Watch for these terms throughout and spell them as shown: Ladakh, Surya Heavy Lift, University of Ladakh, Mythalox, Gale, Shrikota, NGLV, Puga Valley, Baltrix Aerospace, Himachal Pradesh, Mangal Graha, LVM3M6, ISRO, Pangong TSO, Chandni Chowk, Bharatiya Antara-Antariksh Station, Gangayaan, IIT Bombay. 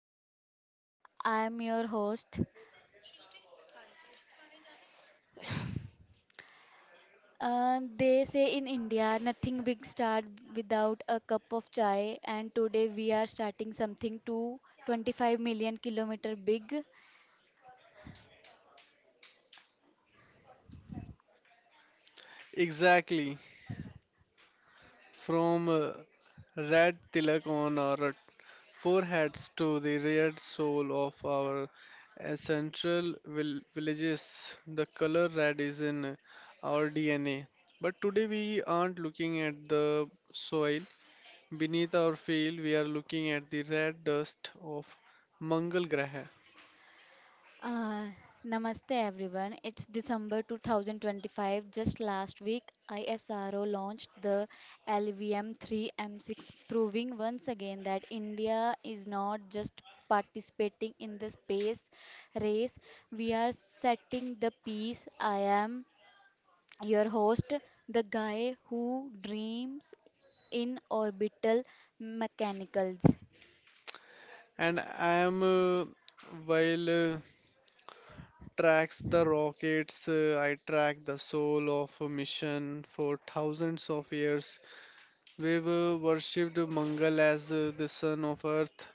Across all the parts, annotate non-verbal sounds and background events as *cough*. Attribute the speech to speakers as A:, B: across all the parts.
A: to the show. I'm your host. They say in India, nothing big start without a cup of chai, and today we are starting something to 25 million kilometer big.
B: Exactly. From red tilak on our foreheads to the red soul of our central villages, the color red is in our DNA. But today we aren't looking at the soil beneath our field, we are looking at the red dust of Mangal Graha.
A: Uh, Namaste everyone. It's December 2025. Just last week, ISRO launched the LVM3M6, proving once again that India is not just participating in the space race, we are setting the pace. I am your host, the guy who dreams in orbital mechanicals.
B: And I am while tracks the rockets, I track the soul of a mission for thousands of years. We've worshipped Mangal as the son of earth,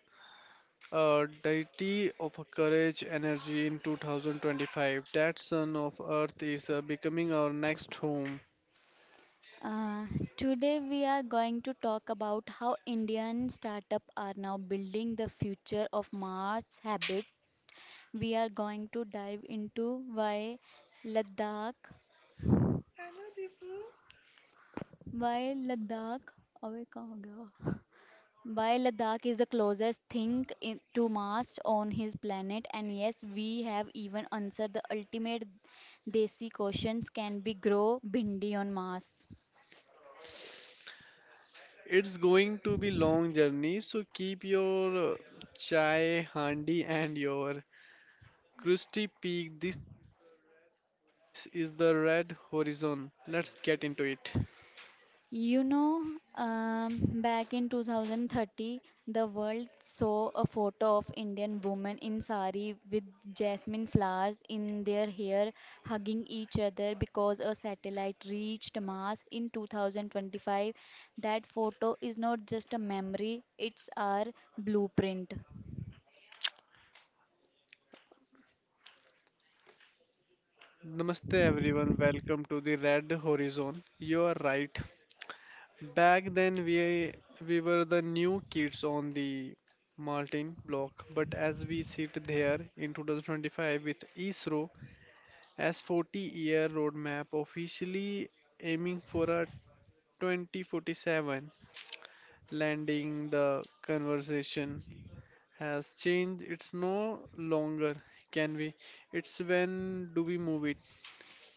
B: a deity of courage energy in 2025. That son of earth is becoming our next home.
A: Uh, Today, we are going to talk about how Indian startups are now building the future of Mars habit. We are going to dive into why Ladakh, why Ladakh, अबे कहाँ हो गया? Why Ladakh is the closest thing in, to Mars on his planet, and yes, we have even answered the ultimate desi questions: can we grow bindi on Mars?
B: It's going to be long journey, so keep your chai handy and your crusty peak. This is the red horizon. Let's get into it.
A: You know, Back in 2030, the world saw a photo of Indian women in sari with jasmine flowers in their hair, hugging each other because a satellite reached Mars in 2025. That photo is not just a memory, it's our blueprint.
B: Namaste everyone, welcome to the Red Horizon. You are right. Back then we were the new kids on the Martin block, but as we sit there in 2025 with ISRO as 40-year roadmap officially aiming for a 2047 landing, the conversation has changed. It's no longer can we? It's when do we move it?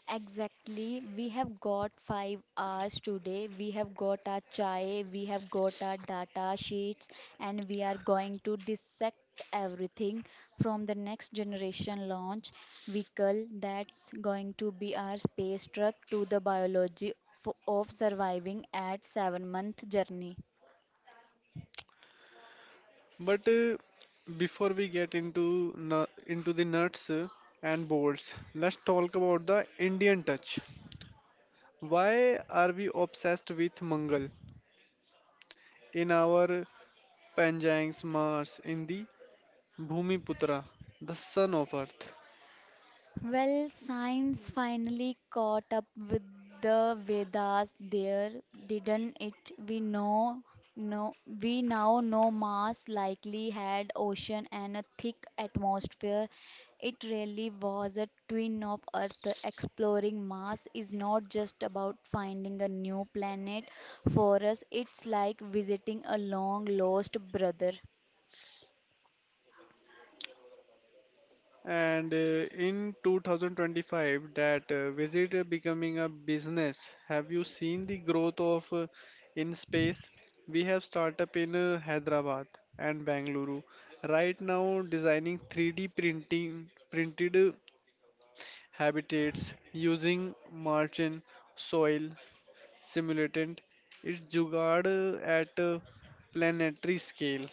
A: Exactly. We have got 5 hours today. We have got our chai, we have got our data sheets, and we are going to dissect everything from the next generation launch vehicle that's going to be our space truck to the biology of surviving at 7 month journey.
B: But before we get into nu- into the nuts and bolts, let's talk about the Indian touch. Why are we obsessed with Mangal in our Panjangs Mars in the Bhumiputra, the son of Earth?
A: Well, science finally caught up with the Vedas there, didn't it? We know no We now know Mars likely had ocean and a thick atmosphere. It really was a twin of Earth. Exploring Mars is not just about finding a new planet for us, it's like visiting a long lost brother.
B: And in 2025, that visit becoming a business. Have you seen the growth of in space? We have startup in Hyderabad and Bangalore right now designing 3D printing printed habitats using margin soil simulant. It's jugaad at planetary scale.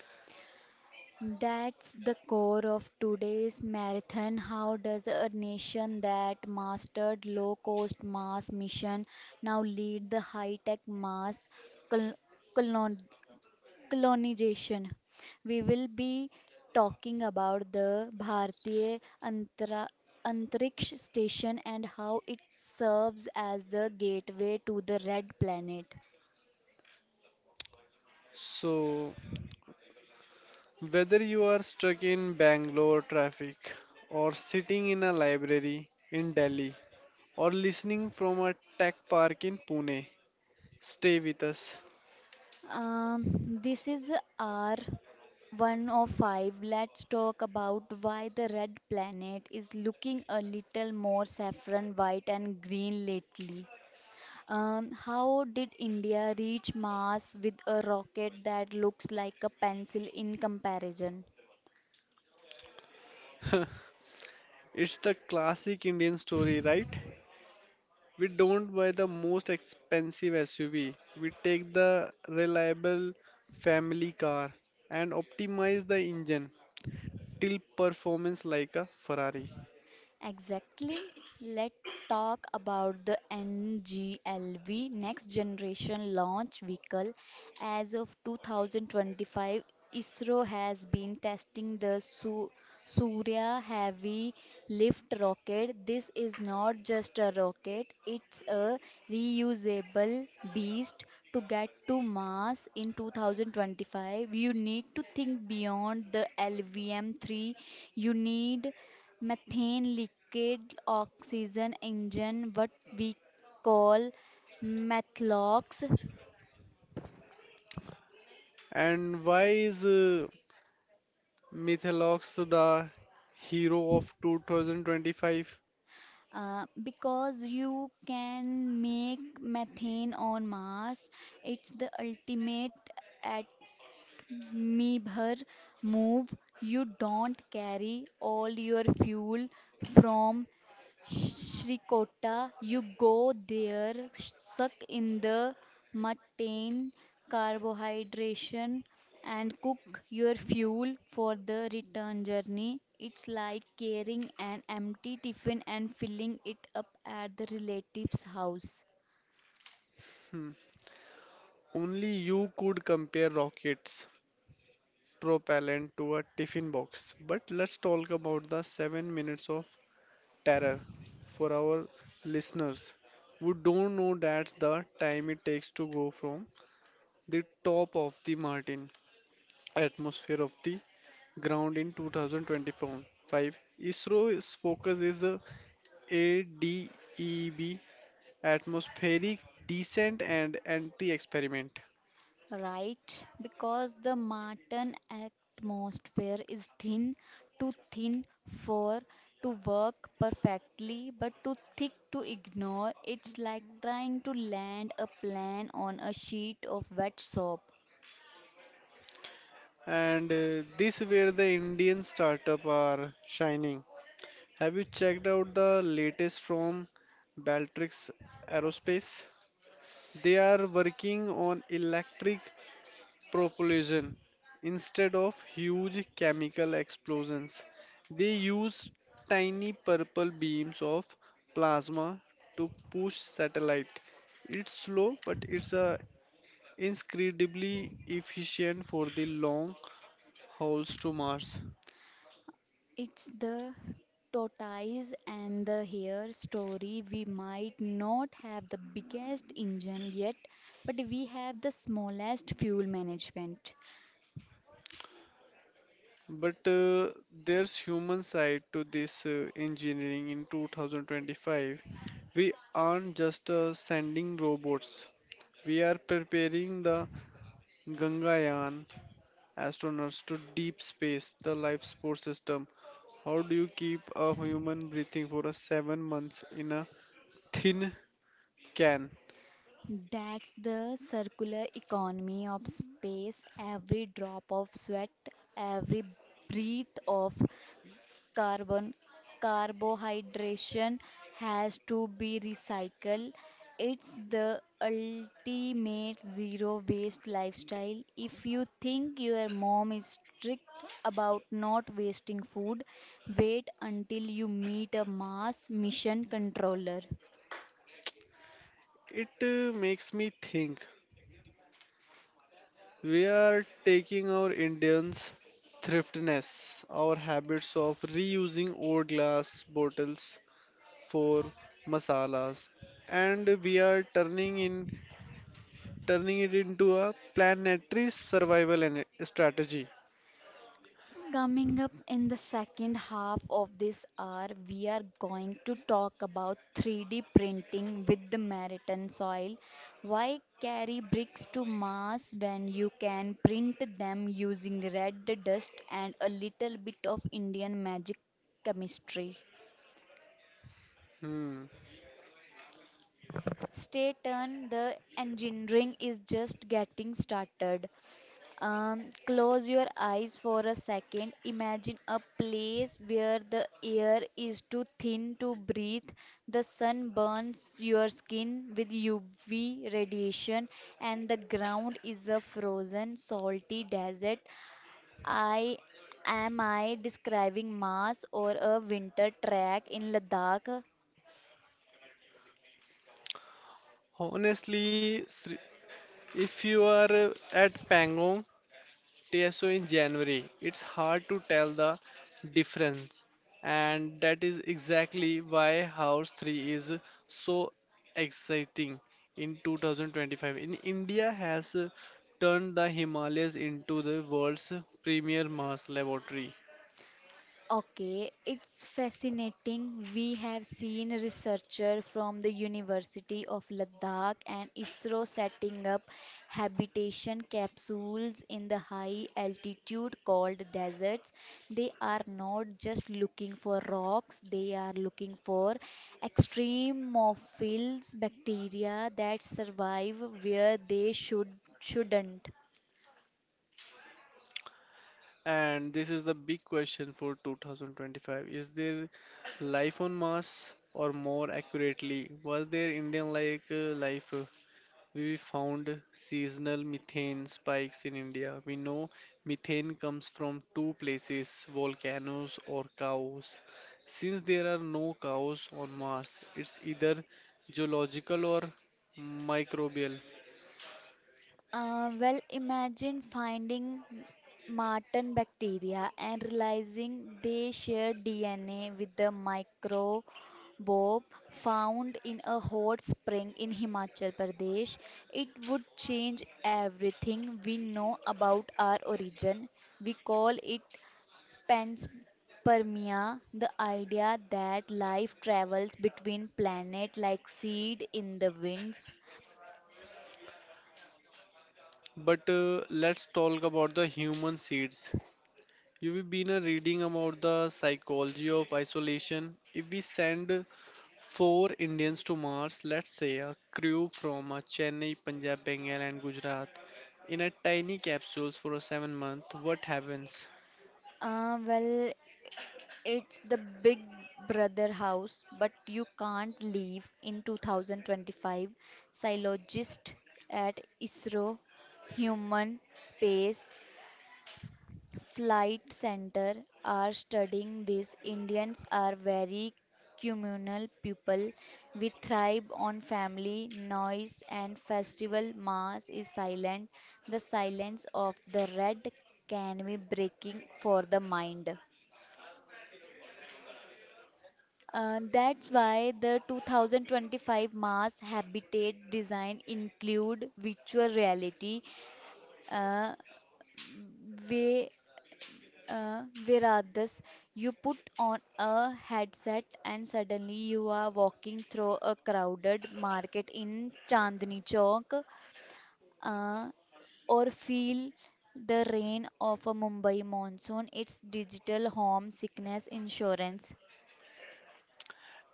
A: That's the core of today's marathon. How does a nation that mastered low cost mass mission now lead the high tech mass col- colon- colonization? We will be talking about the Antariksh Station and how it serves as the gateway to the red planet.
B: So whether you are stuck in Bangalore traffic, or sitting in a library in Delhi, or listening from a tech park in Pune, stay with us.
A: Um, this is our one of five. Let's talk about why the red planet is looking a little more saffron white and green lately. How did India reach Mars with a rocket that looks like a pencil in comparison?
B: *laughs* It's the classic Indian story, right? We don't buy the most expensive SUV, we take the reliable family car and optimize the engine till performance like a Ferrari.
A: Exactly. Let's talk about the NGLV Next Generation Launch Vehicle. As of 2025, ISRO has been testing the Surya Heavy Lift rocket. This is not just a rocket, it's a reusable beast. To get to Mars in 2025, you need to think beyond the LVM 3. You need methane liquid oxygen engine what we call methlox.
B: And why is Mythalox, the hero of 2025.
A: Because you can make methane on mars, it's the ultimate at Meebher move. You don't carry all your fuel from Shrikota. You go there, suck in the mutton carbohydration, and cook your fuel for the return journey. It's like carrying an empty tiffin and filling it up at the relative's house.
B: Hmm. Only you could compare rockets propellant to a tiffin box. But let's talk about the 7 minutes of terror for our listeners who don't know that's the time it takes to go from the top of the Martin atmosphere of the ground in 2024. 5. ISRO's focus is the ADEB atmospheric descent and anti-experiment.
A: Right, because the Martian atmosphere is thin, too thin for to work perfectly, but too thick to ignore. It's like trying to land a plane on a sheet of wet soap.
B: And this where the Indian startup are shining. Have you checked out the latest from Baltrix Aerospace? They are working on electric propulsion instead of huge chemical explosions. They use tiny purple beams of plasma to push satellite. It's slow, but it's incredibly efficient for the long hauls to Mars.
A: It's the tortoise and the hare story. We might not have the biggest engine yet, but we have the smallest fuel management.
B: But there's human side to this engineering in 2025. We aren't just sending robots. We are preparing the Gangayaan astronauts to deep space, the life support system. How do you keep a human breathing for a 7 months in a thin can?
A: That's the circular economy of space. Every drop of sweat, every breath of carbon, carbohydration has to be recycled. It's the ultimate zero waste lifestyle. If you think your mom is strict about not wasting food, wait until you meet a Mars mission controller.
B: It makes me think we are taking our Indians' thriftiness, our habits of reusing old glass bottles for masalas, and we are turning it into a planetary survival and strategy.
A: Coming up in the second half of this hour, we are going to talk about 3D printing with the maritime soil. Why carry bricks to Mars when you can print them using red dust and a little bit of Indian magic chemistry?
B: Hmm.
A: Stay tuned, the engineering is just getting started. Close your eyes for a second. Imagine a place where the air is too thin to breathe. The sun burns your skin with UV radiation, and the ground is a frozen, salty desert. I I describing Mars or a winter track in Ladakh?
B: Honestly, Sri- if you are at Pangong TSO in January, it's hard to tell the difference. And that is exactly why House 3 is so exciting in 2025. In India has turned the Himalayas into the world's premier Mars laboratory.
A: Okay, it's fascinating. We have seen researchers from the University of Ladakh and ISRO setting up habitation capsules in the high altitude called deserts. They are not just looking for rocks, they are looking for extremophils bacteria that survive where they should shouldn't.
B: And this is the big question for 2025. Is there life on Mars? Or more accurately, was there Indian like life? We found seasonal methane spikes in India. We know methane comes from two places volcanoes or cows. Since there are no cows on Mars, it's either geological or microbial.
A: Imagine finding Martin bacteria and realizing they share DNA with the microbe found in a hot spring in Himachal Pradesh. It would change everything we know about our origin. We call it panspermia, the idea that life travels between planets like seed in the winds.
B: But let's talk about the human seeds. You have been reading about the psychology of isolation. If we send four Indians to Mars, let's say a crew from Chennai, Punjab, Bengal, and Gujarat, in a tiny capsules for a 7 month, what happens?
A: Uh, well, It's the Big Brother house, but you can't leave in 2025. Psychologist at ISRO Human Space Flight Center are studying this. Indians are very communal people. We thrive on family, noise, and festival. Mass is silent. The silence of the red can be breaking for the mind. That's why the 2025 Mars habitat design include virtual reality, uh, where, where this? You put on a headset and suddenly you are walking through a crowded market in Chandni Chowk, uh, or feel the rain of a Mumbai monsoon. It's digital home sickness insurance.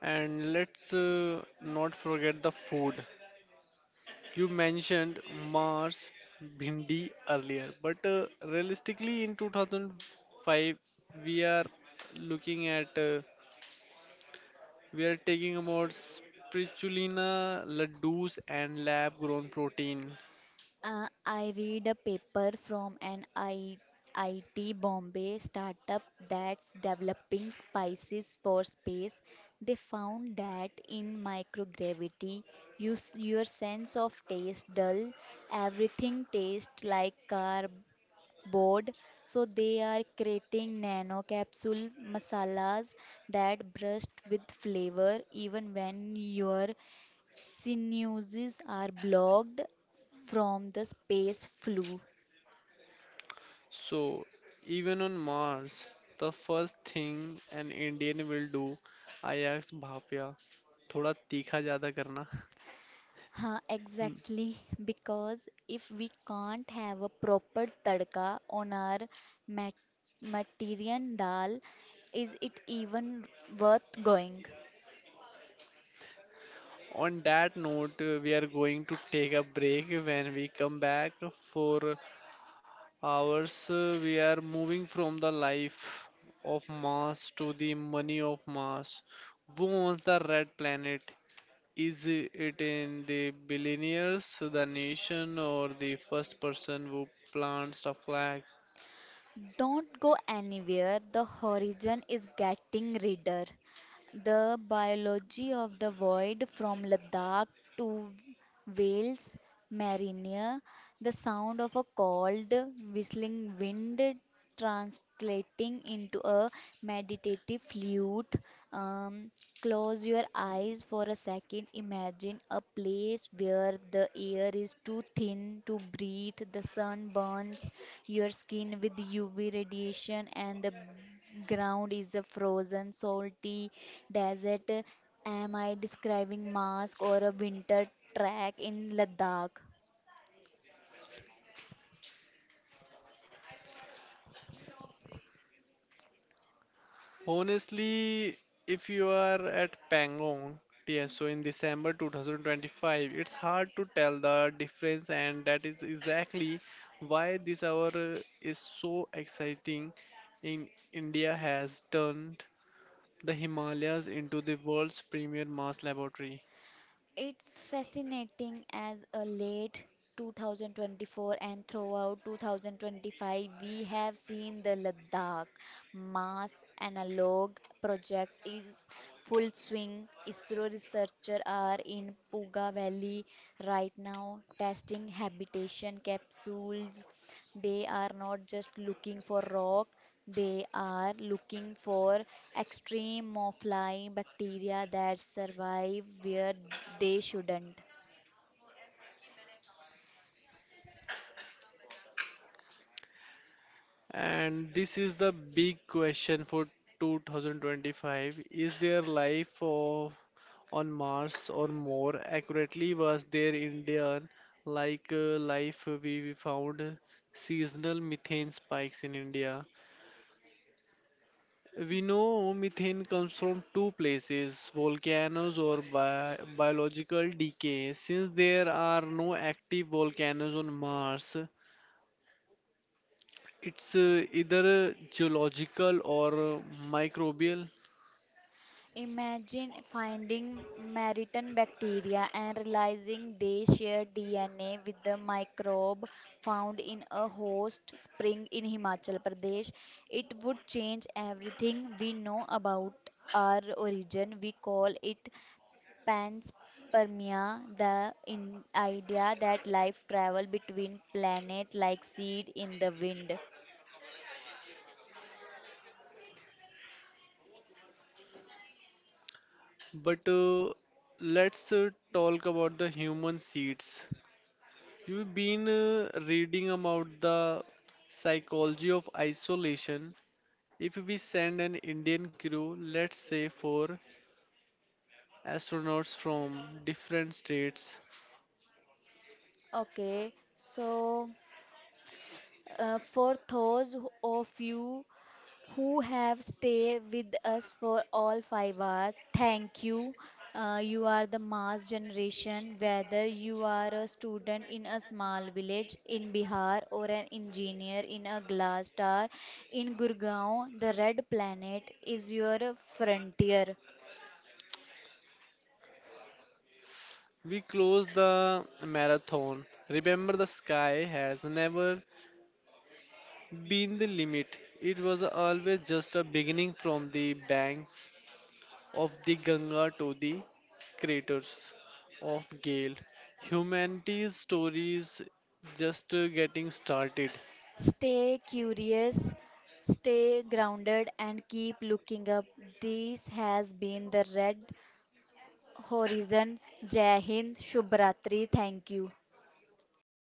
B: And let's not forget the food. You mentioned Mars bhindi earlier, but realistically in 2005 we are looking at we are taking about spirulina, ladoos, and lab grown protein.
A: I read a paper from an I IT Bombay startup that's developing spices for space. They found that in microgravity, your sense of taste dull. Everything tastes like carb board, so they are creating nano capsule masalas that burst with flavor even when your sinuses are blocked from the space flu.
B: So, even on Mars, the first thing an Indian will do, I asked Bhapya, thoda tikha jada karna.
A: Huh,
B: Hmm.
A: exactly, because if we can't have a proper tadka on our mat- materian dal, is it even worth going?
B: On that note, we are going to take a break. When we come back for hours, we are moving from the life of Mars to the money of Mars. Who owns the red planet? Is it in the billionaires, the nation, or the first person who plants the flag?
A: Don't go anywhere, the horizon is getting redder. The biology of the void from Ladakh to Wales, Marinear, the sound of a cold, whistling wind translating into a meditative flute. Um, Close your eyes for a second. Imagine a place where the air is too thin to breathe, the sun burns your skin with UV radiation, and the ground is a frozen, salty desert. Am I describing mask or a winter track in Ladakh?
B: Honestly, if you are at Pangong, yes, so in December 2025, it's hard to tell the difference, and that is exactly why this hour is so exciting. In India has turned the Himalayas into the world's premier Mars laboratory.
A: It's fascinating as a late 2024 and throughout 2025, we have seen the Ladakh Mass Analog Project is full swing. ISRO researchers are in Puga Valley right now testing habitation capsules. They are not just looking for rock, they are looking for extreme extremophilia bacteria that survive where they shouldn't.
B: And this is the big question for 2025. Is there on Mars or more accurately was there Indian like life we found seasonal methane spikes in India? We know methane comes from two places, volcanoes or bi biological decay. Since there are no active volcanoes on Mars, it's either geological or microbial.
A: Imagine finding Maritan bacteria and realizing they share DNA with the microbe found in a host spring in Himachal Pradesh. It would change everything we know about our origin. We call it Panspermia, the in idea that life travel between planet like seed in the wind.
B: But let's talk about the human seeds. You've been reading about the psychology of isolation. If we send an Indian crew, let's say four astronauts from different states,
A: Okay, so for those of you who have stayed with us for all 5 hours. Thank you. You are the mass generation, whether you are a student in a small village in Bihar or an engineer in a glass tower in Gurgaon, the red planet is your frontier.
B: we close the marathon. Remember, the sky has never been the limit, it was always just a beginning from the banks of the Ganga to the craters of Gale. Humanity's story is just getting started.
A: Stay curious, stay grounded, and keep looking up. This has been the red horizon. Jai Hind, Shubh Ratri. Thank you.